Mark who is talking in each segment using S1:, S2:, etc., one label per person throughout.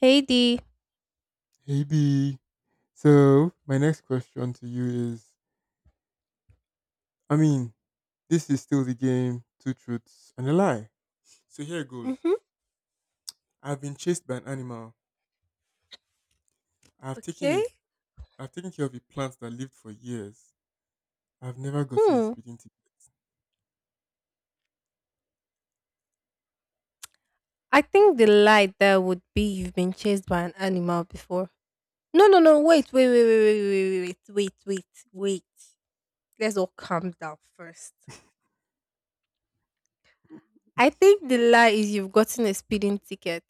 S1: Hey D.
S2: Hey B. So my next question to you is I mean, this is still the game, two truths and a lie. So here goes.
S1: Mm-hmm.
S2: I've been chased by an animal. I've taken
S1: Okay.
S2: a I've taken care of a plant that lived for years. I've never gotten a
S1: Hmm.
S2: speeding
S1: I think the lie there would be you've been chased by an animal before. No, no, no. Wait, wait, wait, wait, wait, wait, wait, wait, wait, wait Let's all calm down first. I think the lie is you've gotten a speeding ticket.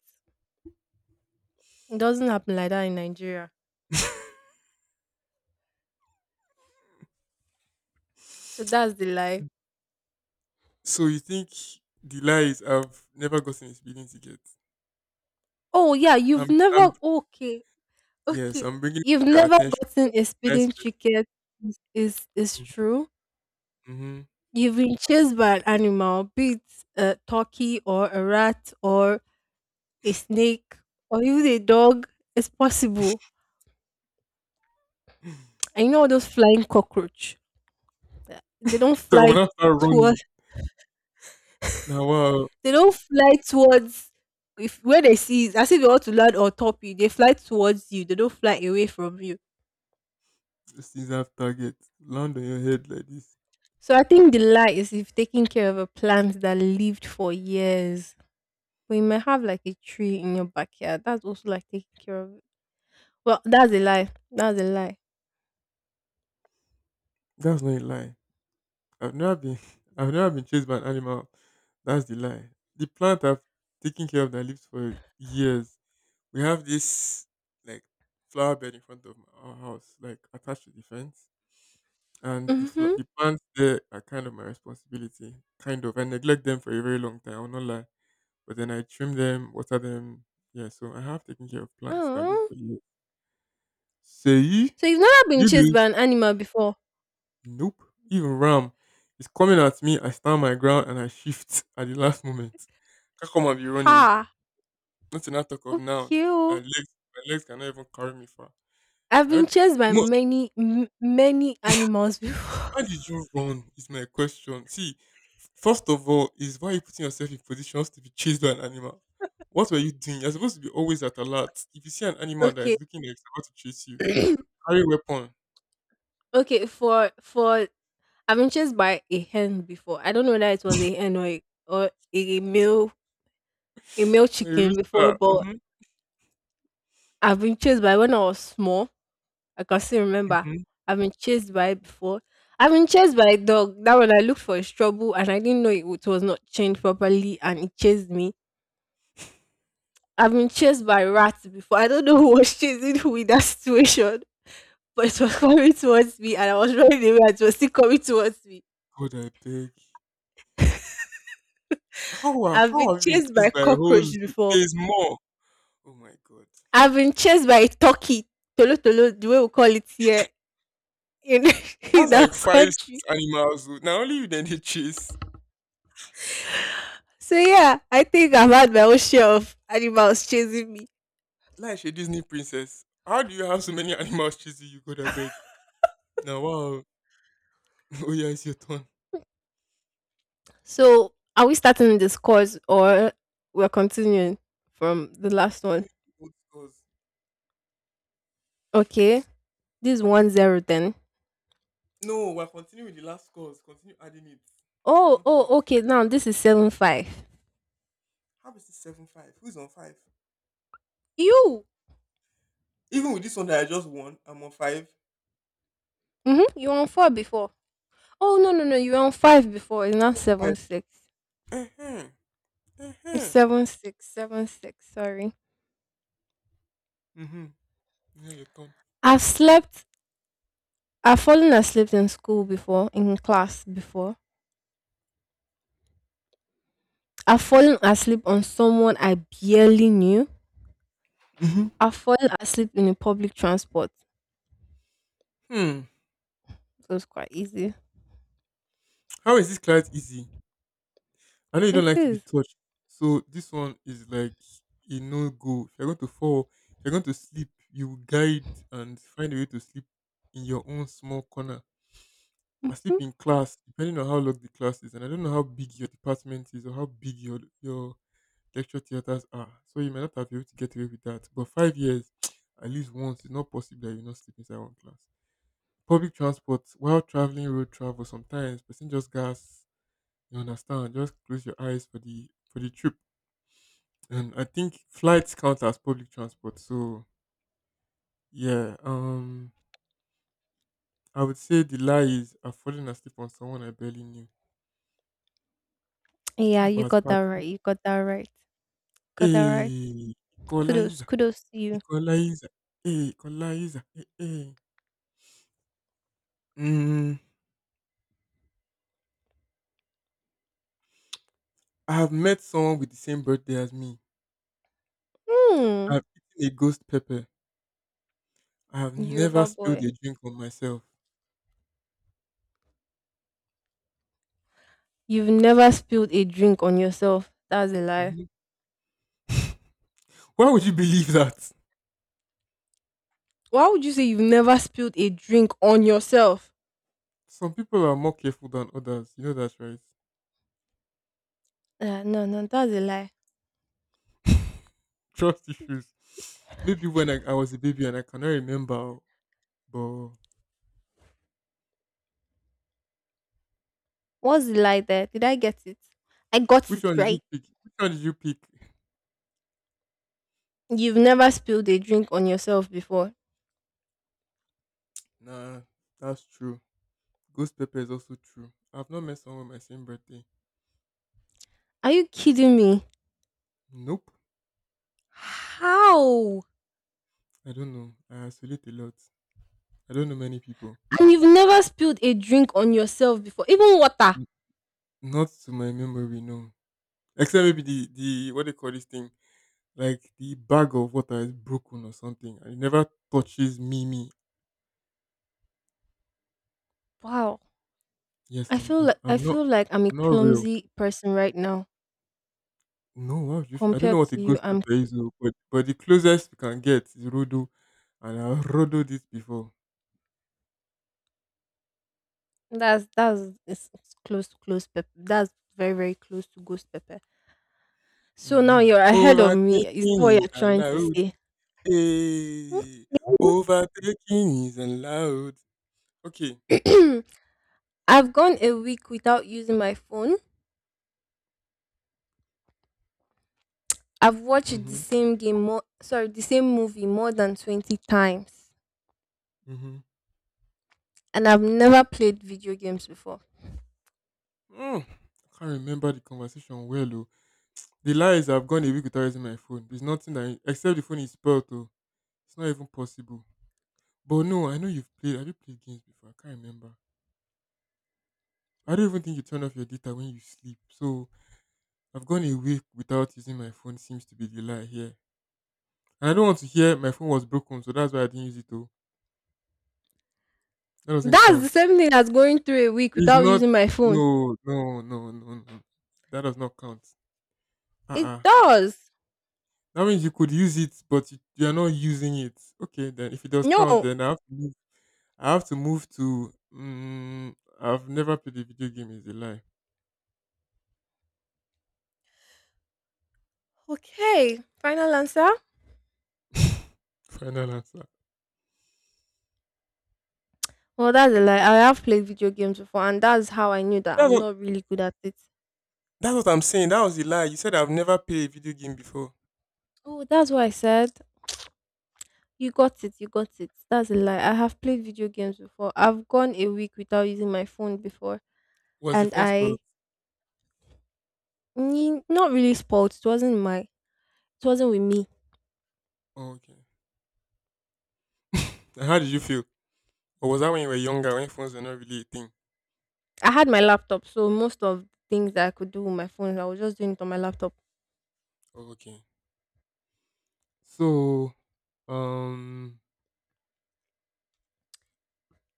S1: It doesn't happen like that in Nigeria.
S2: ticket.
S1: So that's the lie.
S2: So you think the lie is I've never gotten a speeding ticket?
S1: Oh yeah, you've
S2: I'm
S1: never. Okay,
S2: Yes,
S1: okay.
S2: I'm bringing it
S1: You've
S2: to your
S1: never
S2: attention.
S1: gotten a
S2: Nice
S1: speeding
S2: person.
S1: ticket. Is is true?
S2: Mm-hmm.
S1: You've been chased by an animal, be it a turkey or a rat or a snake or even a dog. It's possible. And you know all those flying cockroach. They don't
S2: So I'm
S1: fly
S2: gonna start running.
S1: towards.
S2: Now, wow.
S1: They don't fly towards. If where they see is as if they want to land on top you, they fly towards you. They don't fly away from you.
S2: Just use half target. Land on your head like this.
S1: So I think the lie is if taking care of a plant that lived for years. But you might have like a tree in your backyard. That's also like taking care of it. Well, that's a lie. That's a lie.
S2: That's not a lie. I've never been I've never been chased by an animal. That's the lie. The plant I've taken care of that lives for years. We have this like flower bed in front of our house, like attached to the fence. And the
S1: Mm-hmm.
S2: the plants there are kind of my responsibility. Kind of. I neglect them for a very long time, I'll not lie. But then I trim them, water them. Yeah, so I have taken care of plants that live
S1: Oh.
S2: for years. Say
S1: So you've never been
S2: you
S1: chased
S2: do.
S1: by an animal before?
S2: Nope. Even Ram is coming at me. I stand my ground and I shift at the last moment. Can't come and be running.
S1: Ha.
S2: Not enough talk of now.
S1: Okay.
S2: My
S1: Oh.
S2: legs, my legs cannot even carry me far.
S1: I've
S2: I
S1: been
S2: heard,
S1: chased by
S2: most,
S1: many animals before.
S2: why did you run? Is my question. See, first of all, is why are you putting yourself in positions to be chased by an animal? What were you doing? You're supposed to be always at alert. If you see an animal that
S1: Okay.
S2: is looking like it's about to chase you, carry weapon.
S1: Okay, for I've been chased by a hen before. I don't know whether it was a hen or a male a male
S2: Or a
S1: chicken
S2: rooster.
S1: before, but
S2: Mm-hmm.
S1: I've been chased by when I was small. I can still remember.
S2: Mm-hmm.
S1: I've been chased by it before. I've been chased by a dog. That one I looked for his trouble and I didn't know it was not chained properly and it chased me. I've been chased by rats before. I don't know who was chasing who in that situation, but it was coming towards me and I was running away and it was still coming towards me.
S2: God, I beg.
S1: I've been
S2: How have you been
S1: chased
S2: chased
S1: by
S2: by a whole
S1: cockroach
S2: zoo?
S1: before.
S2: There's more. Oh my god.
S1: I've been chased by a turkey. Tolo tolo, the way we call it here in,
S2: That's
S1: in our
S2: like five, six
S1: country.
S2: animals. Oh. Now only you then they chase.
S1: So yeah, I think I've had my own share of animals chasing me.
S2: Like a Disney princess. How do you have so many animals chasing you? God I beg. Now wow. Oh yeah, it's your turn.
S1: So, are we starting this course or we're continuing from
S2: We
S1: the
S2: are
S1: last one?
S2: continuing with the old scores.
S1: Okay, this is 1-0 then.
S2: No, we're continuing with the last scores. Continue adding it. I
S1: Oh,
S2: want to know the
S1: oh, okay. Now this is 7-5.
S2: how is this 7-5? Who's on five?
S1: You,
S2: Even with this one that I just won, I'm on five.
S1: mm-hmm. You were on four before. Oh no, no, no. You were on five before. It's not
S2: 7-5.
S1: 7-6.
S2: Uh-huh.
S1: It's
S2: Uh-huh.
S1: 7-6, 7-6. Sorry.
S2: Mm-hmm. Yeah, your turn.
S1: I've slept. I've fallen asleep in school before, in class before. I've fallen asleep on someone I barely knew. I've fallen asleep in a public transport.
S2: Mm-hmm.
S1: It was quite easy.
S2: How is this client easy? I know you don't
S1: It
S2: like to be
S1: is.
S2: touched. So this one is like a no go. If you're going to fall, if you're going to sleep, you will guide and find a way to sleep in your own small corner. I sleep
S1: Mm,
S2: in class, depending on how long the class is, and I don't know how big your department is or how big your lecture theaters are. So you may not have been able to get away with that. But 5 years, at least once, it's not possible that you not sleep inside one class. Public transport while traveling road travel sometimes person just gas. You understand? Just close your eyes for the trip. And I think flights count as public transport. So yeah, I would say the lie is I've fallen asleep on someone I barely knew.
S1: Yeah,
S2: Ah,
S1: you
S2: but
S1: got that
S2: party,
S1: right. You got that right. Got that right.
S2: hey,
S1: Kudos,
S2: equalizer,
S1: kudos to you.
S2: equalizer, equalizer, hey, hey. Mm, I have met someone with the same birthday as me.
S1: Hmm.
S2: I've eaten a ghost pepper. I have never
S1: Yoruba
S2: spilled
S1: boy.
S2: a drink on myself.
S1: You've never spilled a drink on yourself. That's a lie.
S2: Mhm. Why would you believe that?
S1: Why would you say you've never spilled a drink on yourself?
S2: Some people are more careful than others. You know that, right?
S1: No, no, that's a lie.
S2: Trust issues. Maybe when I was a baby and I cannot remember, but
S1: What's the lie there? Did I get it? I got
S2: which one
S1: it
S2: did you
S1: right.
S2: pick? Which one did you pick?
S1: You've never spilled a drink on yourself before.
S2: Nah, that's true. Ghost pepper is also true. I've not met someone with my same birthday.
S1: Are you kidding me?
S2: Nope.
S1: How?
S2: I don't know. I isolate a lot. I don't know many people.
S1: And you've never spilled a drink on yourself before, even water.
S2: N- Not to my memory, no. Except maybe the what they call this thing, like the bag of water is broken or something, and it never touches me.
S1: Wow.
S2: Yes,
S1: I feel like I feel like I'm a
S2: I'm not real.
S1: clumsy person right now
S2: No, why you feel I don't know
S1: compared
S2: what a
S1: to you.
S2: ghost
S1: I'm
S2: pepper is oh, but the closest you can get is Rodo and I Rodo this before.
S1: it's close to close pepper. That's very close to ghost pepper. So now
S2: Mm-hmm.
S1: you're ahead of me. Is that
S2: Overtaking
S1: what
S2: is
S1: you're trying to
S2: allowed.
S1: say?
S2: Hey, overtaking is allowed. Okay.
S1: Okay. I've gone a week without using my phone. I've watched
S2: Mm-hmm.
S1: the same movie more than 20 times
S2: Mm-hmm.
S1: and I've never played video games before.
S2: Mm. I can't remember the conversation well oh. The lie is I've gone a week without using my phone. There's nothing that except the phone is spoiled oh. It's not even possible. But no, I know you've played have you played games before? I can't remember. I don't even think you turn off your data when you sleep. So I've gone a week without using my phone seems to be the lie here. And I don't want to hear my phone was broken, so that's why I didn't use it though. That doesn't
S1: That's the
S2: count.
S1: same thing as going through a week
S2: It's
S1: without
S2: not
S1: using my phone.
S2: no. That does not count.
S1: It
S2: Uh.
S1: does.
S2: That means you could use it but you are not using it. Okay then if it does count
S1: No.
S2: then I have to move to mm, I've never played a video game is a lie.
S1: Okay. Final answer?
S2: Final answer.
S1: Well, that's a lie. I have played video games before and that's how I knew that
S2: That's
S1: I'm
S2: what,
S1: not really good at it.
S2: that's what I'm saying. That was the lie. You said I've never played a video game before.
S1: Oh, that's what I said. You got it. You got it. That's a lie. I have played video games before. I've gone a week without using my phone before
S2: Was the
S1: and
S2: phone spoiled?
S1: I Mm, not really spoiled. It wasn't my It wasn't with me.
S2: Oh, okay. And how did you feel? Or was that when you were younger when phones were not really a thing?
S1: I had my laptop, so most of the things that I could do with my phone, I was just doing it on my laptop.
S2: Oh, okay. So, um,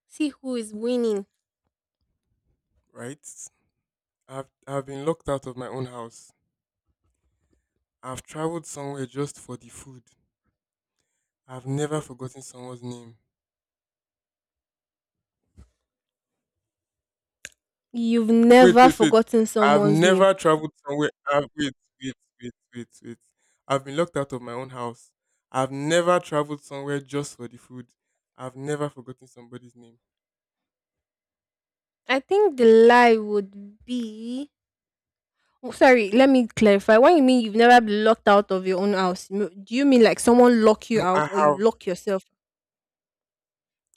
S1: See who is winning.
S2: right. I've been locked out of my own house. I've traveled somewhere just for the food. I've never
S1: Hmm.
S2: forgotten someone's name.
S1: You've
S2: Wait,
S1: never
S2: wait, wait.
S1: forgotten
S2: I've
S1: someone's name.
S2: never traveled somewhere. I've, wait, wait, wait, wait, wait. I've been locked out of my own house. I've never traveled somewhere just for the food. I've never forgotten somebody's name.
S1: I think the lie would be. Oh, sorry, let me clarify. When you mean you've never been locked out of your own house, do you mean like someone lock you
S2: No,
S1: out
S2: I
S1: or you
S2: have.
S1: lock yourself?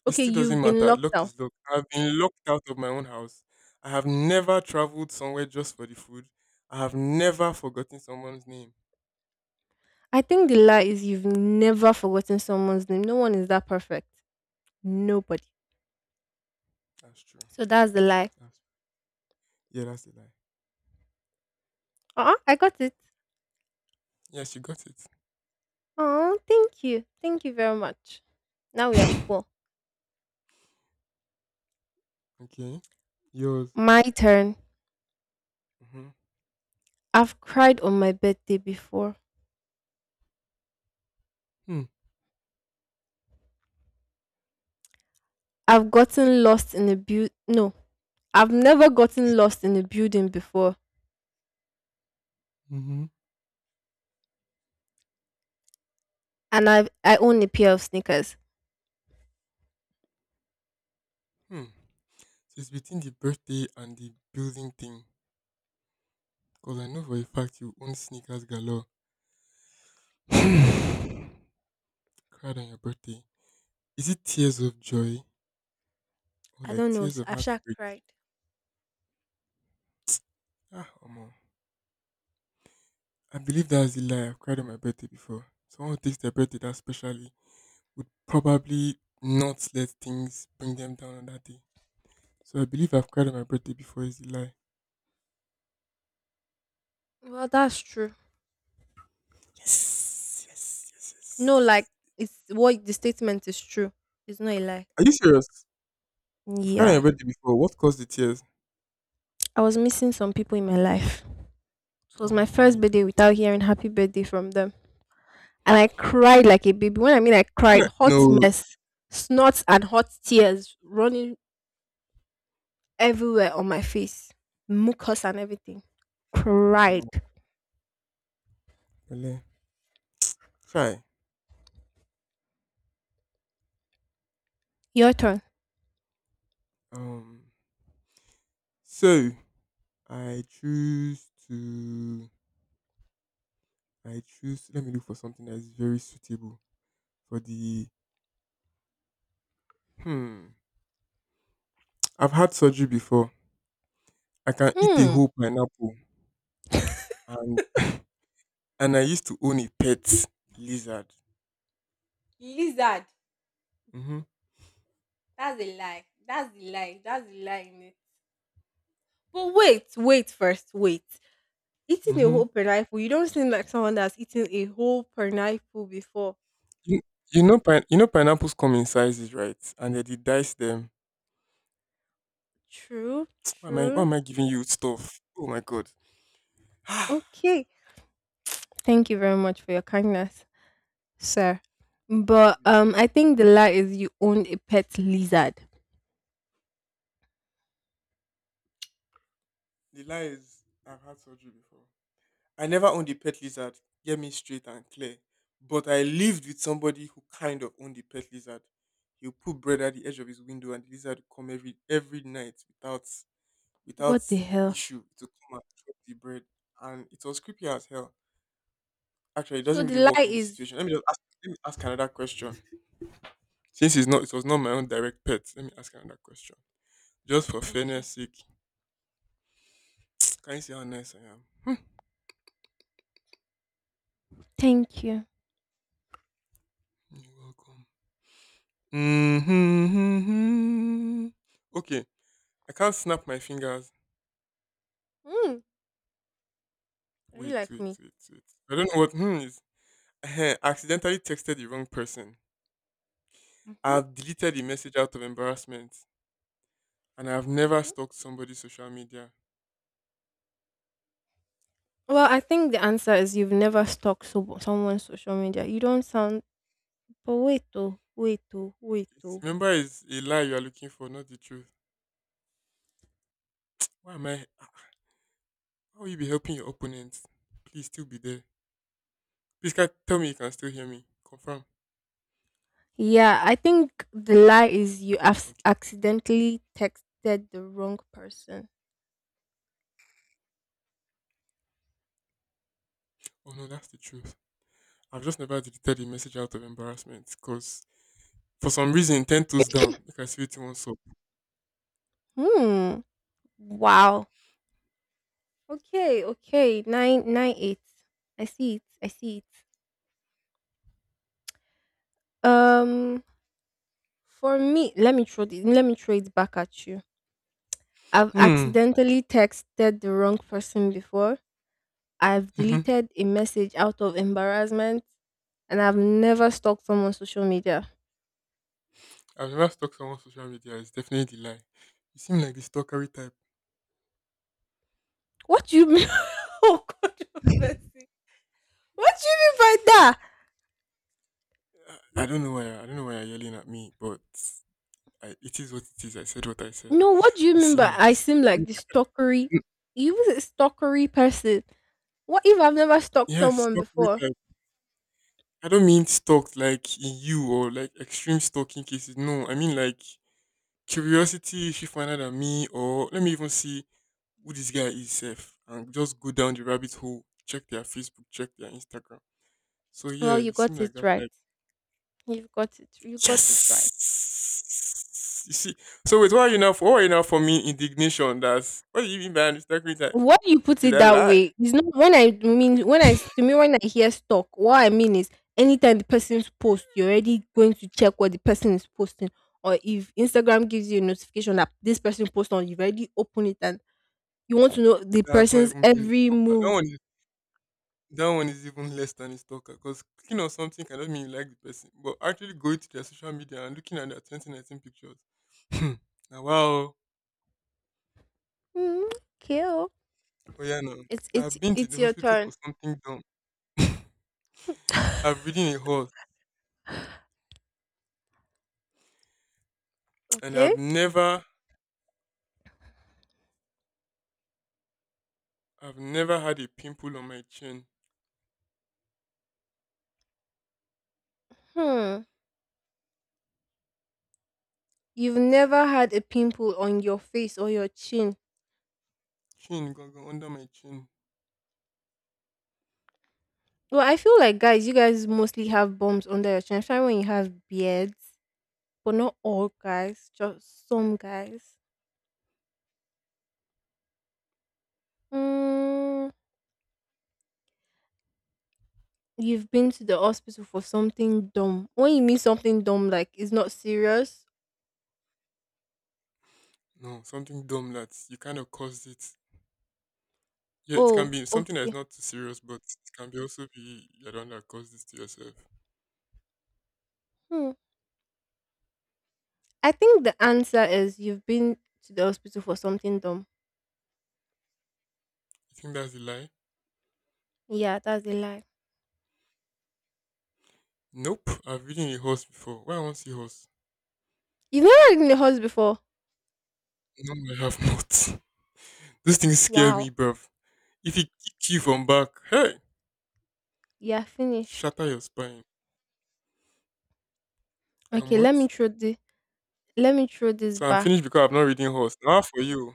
S2: It
S1: Okay,
S2: still doesn't
S1: you've been
S2: matter.
S1: locked
S2: Luck
S1: out.
S2: is luck. I've been locked out of my own house. I have never traveled somewhere just for the food. I have never forgotten someone's name.
S1: I think the lie is you've never forgotten someone's name. No one is that perfect. Nobody.
S2: That's true.
S1: So that's the lie.
S2: That's yeah, that's a lie.
S1: Uh-uh, I got it.
S2: Yes, you got it.
S1: Oh, thank you. Thank you very much. Now we are equal.
S2: Okay. Yours.
S1: My turn.
S2: Mm-hmm.
S1: I've cried on my birthday before.
S2: Hmm.
S1: I've gotten lost in a bu no. I've never gotten lost in a building before.
S2: Mm-hmm.
S1: And I own a pair of sneakers.
S2: Hmm. So it's between the birthday and the building thing. Because I know for a fact you own sneakers galore. Cried on your birthday. Is it tears of joy or
S1: I
S2: like
S1: don't know.
S2: tears of
S1: I've sure
S2: heartbreak?
S1: cried.
S2: Ah, Omo. I believe that's the lie I've cried on my birthday before. Someone who takes their birthday that specially would probably not let things bring them down on that day. So I believe I've cried on my birthday before is the lie.
S1: Well, that's true.
S2: Yes, yes, yes,
S1: No, like
S2: yes.
S1: it's what the statement is true. It's not a lie.
S2: Are you serious? You've cried on your
S1: Yeah.
S2: birthday before. What caused the tears?
S1: I was missing some people in my life. It was my
S2: Oh
S1: first
S2: my
S1: birthday without
S2: god.
S1: hearing happy birthday from them. And I cried like a baby. When I mean I
S2: See na-
S1: cried, hot
S2: No.
S1: mess, snorts and hot tears running everywhere on my face, mucus and everything. Cried.
S2: Um, Bele. Try,
S1: Your turn.
S2: um. So I choose to. I choose. Let me look for something that is very suitable for the. Hmm. I've had surgery before. I can eat a
S1: Hmm.
S2: whole pineapple, and and I used to own a pet lizard.
S1: Lizard.
S2: Mhm,
S1: That's a lie. That's the lie. That's the lie in it. But wait, wait. Eating a
S2: mhm.
S1: whole pineapple, you don't seem like someone that's eaten a whole pineapple before.
S2: You, you know, you know, pineapples come in sizes, right? And then they dice them.
S1: True,
S2: Why
S1: true.
S2: am I giving you stuff? Oh my god.
S1: Okay. Thank you very much for your kindness. Sir.
S2: No
S1: But
S2: be
S1: I
S2: plot.
S1: think the lie is you own a pet lizard.
S2: The lie is, I've had surgery before. I never owned a pet lizard. Get me straight and clear. But I lived with somebody who kind of owned a pet lizard. He'll put bread at the edge of his window, and the lizard would come every night without
S1: What the hell?
S2: issue to come and chop the bread. And it was creepy as hell. Actually, it
S1: So
S2: doesn't really
S1: the
S2: work
S1: lie
S2: in this
S1: is
S2: situation. Let me ask another question. Since it's not, it was not my own direct pet. Let me ask another question, just for
S1: okay.
S2: fairness' sake. Can you see how nice I am?
S1: Thank you.
S2: You're welcome. Mm-hmm. Okay, I can't snap my fingers.
S1: Mm, are you
S2: Wait,
S1: like
S2: wait,
S1: me?
S2: wait, wait. I don't know what hmm is. Ehen, I accidentally texted the wrong person.
S1: Mm-hmm.
S2: I've deleted the message out of embarrassment, and I've never
S1: Mm-hmm.
S2: stalked somebody's social media.
S1: Well, I think the answer is you've never stalked someone's social media. You don't sound Poeto, Poeto, Poeto.
S2: Remember, it's a lie you are looking for, not the truth. Why am I? Ah, how will you be helping your opponent? Please still be there. Please can, tell me you can still hear me. Confirm.
S1: Yeah, I think the lie is you have
S2: Okay.
S1: accidentally texted the wrong person.
S2: Oh no, that's the truth. I've just never deleted a message out of embarrassment because for some reason, 10 toes down. You can see it once up.
S1: Hmm. Wow. Okay, okay. 9-9-8. I see it. I see it. Um for me, let me throw it back at you. I've
S2: Hmm.
S1: accidentally texted the wrong person before. I've
S2: Mm-hmm.
S1: deleted a message out of embarrassment and I've never stalked someone on social media.
S2: I've never stalked someone's social media. It's definitely the lie. You seem like the stalkery type.
S1: What do you mean? Oh, controversy. What do you mean by that?
S2: I don't know why. I don't know why you're yelling at me, but I, it is what it is. I said what I said.
S1: No, what do you
S2: You
S1: mean
S2: seem
S1: by
S2: like
S1: I
S2: this.
S1: seem like the stalkery? You was a stalkery person. What if I've never stalked
S2: Yes,
S1: someone
S2: stalkery
S1: before?
S2: type. I don't mean stalked like in you or like extreme stalking cases. No, I mean like curiosity. If you find out at me, or let me even see who this guy is, safe, and just go down the rabbit hole, check their Facebook, check their Instagram. So yeah,
S1: Well,
S2: you
S1: you
S2: seem
S1: got
S2: like
S1: it
S2: that
S1: right.
S2: type.
S1: You've got it. You got it right.
S2: Yes. You see. So wait, why are you now for? Why are you now for me indignation? That's what do you mean by an Instagram type?
S1: What you put
S2: Did
S1: it
S2: I
S1: that
S2: lie?
S1: way is not when I mean when I To me when I hear stalk. What I mean is anytime the person's post, you're already going to check what the person is posting, or if Instagram gives you a notification that this person post on, you've already opened it and you want to know the
S2: That's not
S1: person's
S2: even being a
S1: every
S2: stalker.
S1: move.
S2: That one is even less than a stalker because clicking on something cannot mean you like the person, but actually going to their social media and looking at their 2019 pictures. Hmm. Now, wow.
S1: Mm, okay. Oh.
S2: Oh, yeah, no.
S1: It's
S2: I've
S1: it's
S2: been to the
S1: it's your
S2: hospital for
S1: turn.
S2: something dumb. I've ridden a horse and
S1: Okay?
S2: I've never had a pimple on my chin.
S1: Hmm. You've never had a pimple on your face or your chin.
S2: Chin, go under my chin.
S1: Well, I feel like guys, you guys mostly have bumps under your chin, especially when you have beards. But not all guys, just some guys. Mm, you've been to the hospital for something dumb. When you mean something dumb, like it's not serious.
S2: No, something dumb that you kind of caused it. Yeah, it can
S1: Oh,
S2: be something that's
S1: okay.
S2: not too serious, but it can be also be you're the one that caused this to yourself.
S1: Hmm. I think the answer is you've been to the hospital for something dumb.
S2: You think that's a lie?
S1: Yeah, that's a lie.
S2: Nope, I've ridden a horse before. Why I want see horse?
S1: You've never ridden a horse before.
S2: No, I have not. Those things scare me,
S1: Wow.
S2: bruv. If it kick you from back, hey,
S1: You're finished.
S2: shatter your spine. Um,
S1: Okay, let
S2: what?
S1: me throw the let me throw this
S2: So I'm
S1: back.
S2: finished because I've not ridden horse. Now for you.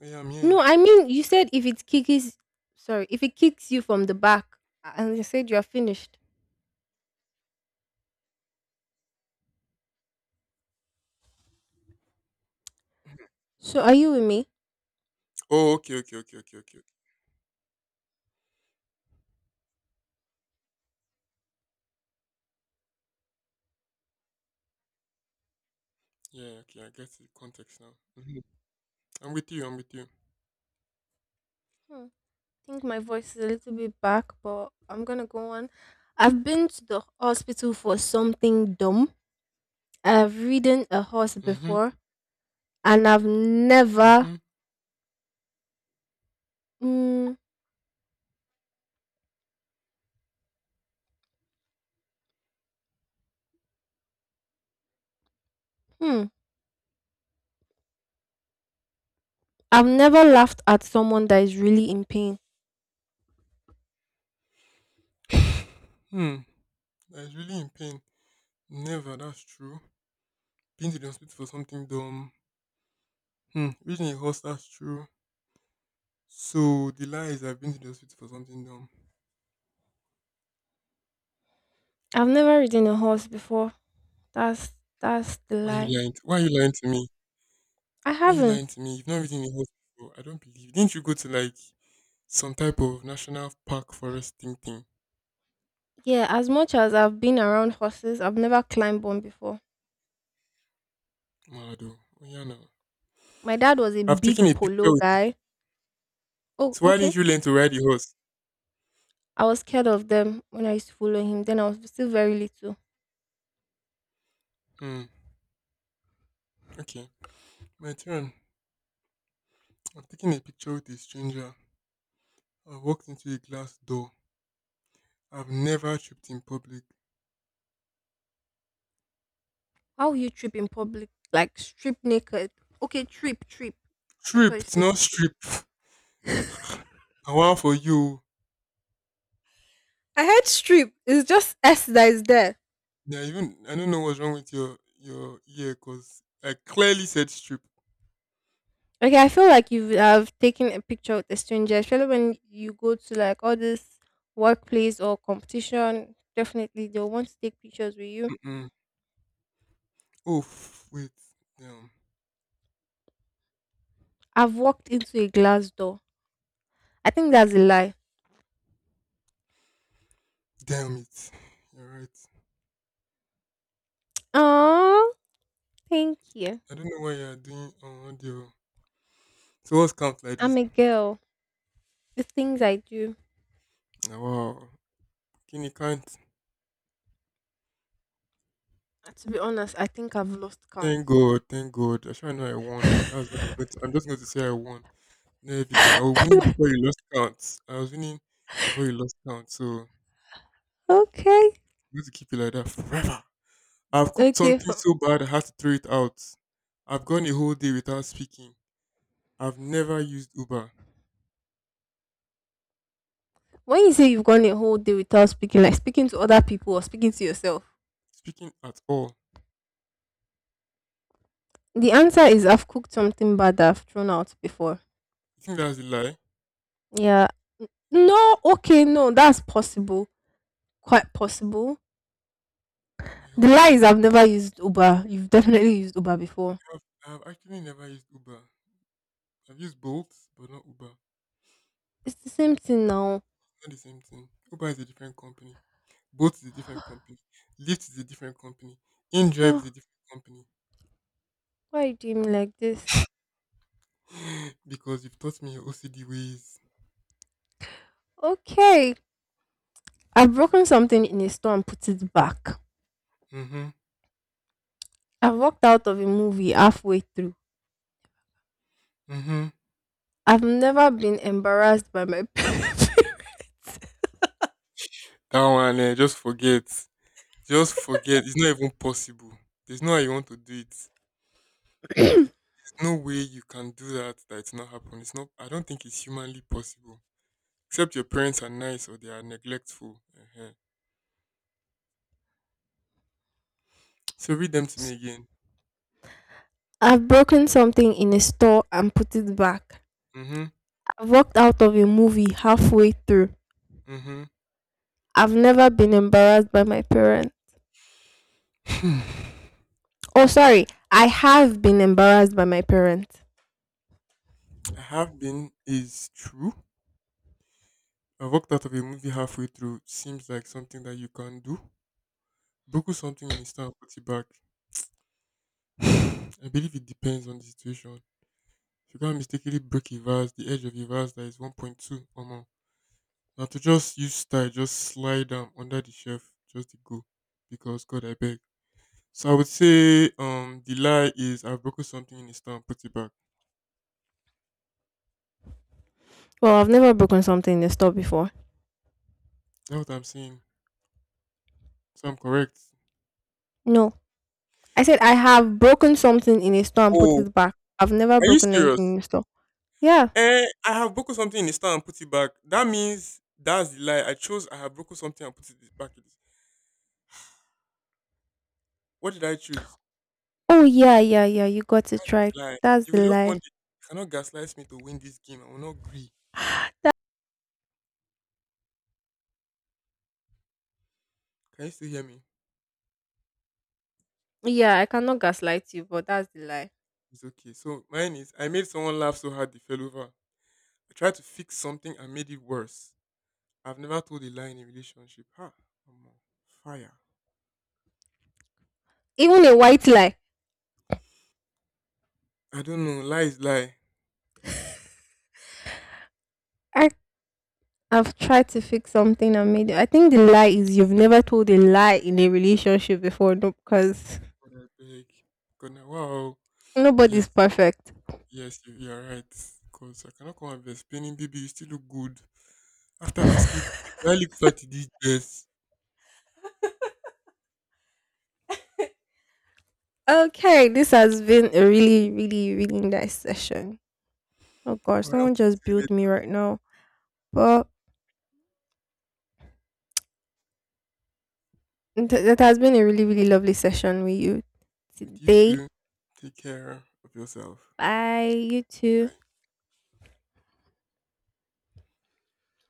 S2: Yeah, I'm here.
S1: No, I mean you said if it kicks sorry, if it kicks you from the back and you said you're finished. So are you with me?
S2: Oh, okay, okay, okay, okay, okay. Yeah, okay, I get the context now. Hmm. I'm with you, I'm with you.
S1: Hmm. I think my voice is a little bit back, but I'm gonna go on. I've been to the hospital for something dumb. I've ridden a horse
S2: Mm-hmm,
S1: before and I've never
S2: mm-hmm.
S1: Mm, hmm. I've never laughed at someone that is really in pain.
S2: Hmm, I was really in pain. Never, that's true. Been to the hospital for something dumb. Hmm, ridden a horse, that's true. So the lie is I've been to the hospital for something dumb.
S1: I've never ridden a horse before. That's that's the
S2: Why you
S1: lie.
S2: lying? To, why you lying to me?
S1: I
S2: Why you
S1: haven't.
S2: lying to me? You've not ridden a horse before. I don't believe. Didn't you go to like some type of national park forest thing?
S1: Yeah, as much as I've been around horses, I've never climbed one before.
S2: Malado. Oh yeah, no.
S1: My dad was a
S2: I've
S1: big
S2: taken a picture
S1: polo
S2: with it.
S1: guy. Oh,
S2: So why didn't
S1: okay.
S2: you learn to ride a horse?
S1: I was scared of them when I used to follow him. Then I was still very little.
S2: Hmm. Okay. My turn. I've taken a picture with a stranger. I walked into a glass door. I've never tripped in public.
S1: How will you trip in public? Like strip naked. Okay, trip, trip. I thought you
S2: Tripped,
S1: said
S2: not
S1: strip.
S2: strip. I want for you.
S1: I heard strip. It's just S that is there.
S2: Yeah, even I don't know what's wrong with your ear, cause I clearly said strip.
S1: Okay, I feel like you have taken a picture with a stranger, especially when you go to like all this workplace or competition. Definitely, they'll want to take pictures with you.
S2: Oh wait, damn,
S1: I've walked into a glass door. I think that's a lie.
S2: damn it. You're right.
S1: Oh, thank you.
S2: I don't know why you're doing on audio. So what's count like this?
S1: I'm a girl. The things I do.
S2: Ah, wow. Can you count?
S1: To be honest, I think I've lost count.
S2: Thank God, thank God. I sure know I won. That's what I'm going to, I'm just going to say I won. No evidence. I was winning before you lost count. I was winning before you lost count. So I'm
S1: Okay.
S2: going to keep it like that forever. I've cooked
S1: Okay.
S2: something so bad I had to throw it out. I've gone a whole day without speaking. I've never used Uber.
S1: When you say you've gone a whole day without speaking, like speaking to other people or speaking to yourself,
S2: Speaking at all.
S1: the answer is I've cooked something bad that I've thrown out before.
S2: You think that's a lie?
S1: Yeah, no, okay, no, that's possible. Quite possible.
S2: How am I
S1: The
S2: helping
S1: lie
S2: you?
S1: is I've never used Uber. You've definitely used Uber before.
S2: I've actually never used Uber. I've used Bolt, but not Uber.
S1: It's the same thing now.
S2: It's not the same thing. Uber is a different company. Bolt is a different company. Lyft is a different company. InDrive is a
S1: Oh,
S2: different company.
S1: why you doing me like this?
S2: Because you've taught me your OCD ways.
S1: Okay. I've broken something in a store and put it back.
S2: Mm-hmm.
S1: I've walked out of a movie halfway through.
S2: Mm-hmm.
S1: I've never been embarrassed by my parents.
S2: That one, eh, just forget. Just forget. It's not even possible. There's no how you want to do it. It- There's no way you can do that that it's not happen. It's not. I don't think it's humanly possible. Except your parents are nice or they are neglectful. So read them to me again.
S1: I've broken something in a store and put it back.
S2: Mhm.
S1: I've walked out of a movie halfway through.
S2: Mhm.
S1: I've never been embarrassed by my parents.
S2: Hmm.
S1: Oh, sorry. I have been embarrassed by my parents.
S2: I have been is true. I walked out of a movie halfway through. Seems like something that you can do. Buckle something in a stand, put it back. I believe it depends on the situation. If you can't mistakenly break a vase, the edge of a vase that is 1.2 or more. Now to just use style, just slide them under the shelf, just to go. Because God, I beg. So I would say the lie is I've broken something in a stand, put it back.
S1: Well, I've never broken something in a store before.
S2: That's what I'm saying. So I'm correct.
S1: No. I said I have broken something in a store and put
S2: Oh,
S1: it back. I've never
S2: are you
S1: broken anything
S2: serious?
S1: in a store. Yeah.
S2: Eh, I have broken something in the store and put it back. That means that's the lie. I chose I have broken something and put it back. In the- What did I choose?
S1: Oh, yeah, yeah, yeah. You got it right.
S2: The lie.
S1: That's
S2: You
S1: the
S2: will just
S1: lie.
S2: want it. You cannot gaslight me to win this game. I will not agree. Can you still hear me?
S1: Yeah, I cannot gaslight you, but that's the lie.
S2: It's okay. So mine is I made someone laugh so hard they fell over. I tried to fix something and made it worse. I've never told a lie in a relationship. Ha! I'm on fire.
S1: Even a white lie.
S2: I don't know. Lie is lie.
S1: I, I've tried to fix something and made it. I think the lie is you've never told a lie in a relationship before, no, because
S2: God, I beg. God, now, wow. Yes.
S1: nobody's perfect.
S2: Yes, you are right. Because I cannot come and be explaining, baby, you still look good. After asking, do I look fat in this dress?
S1: Okay, this has been a really, really nice session. Oh gosh,
S2: All right, I'll talk
S1: someone just
S2: to you
S1: billed me
S2: later.
S1: right now. But it has been a really, really lovely session with you
S2: With you
S1: today.
S2: too. Take care of yourself.
S1: Bye, you too.
S2: Right.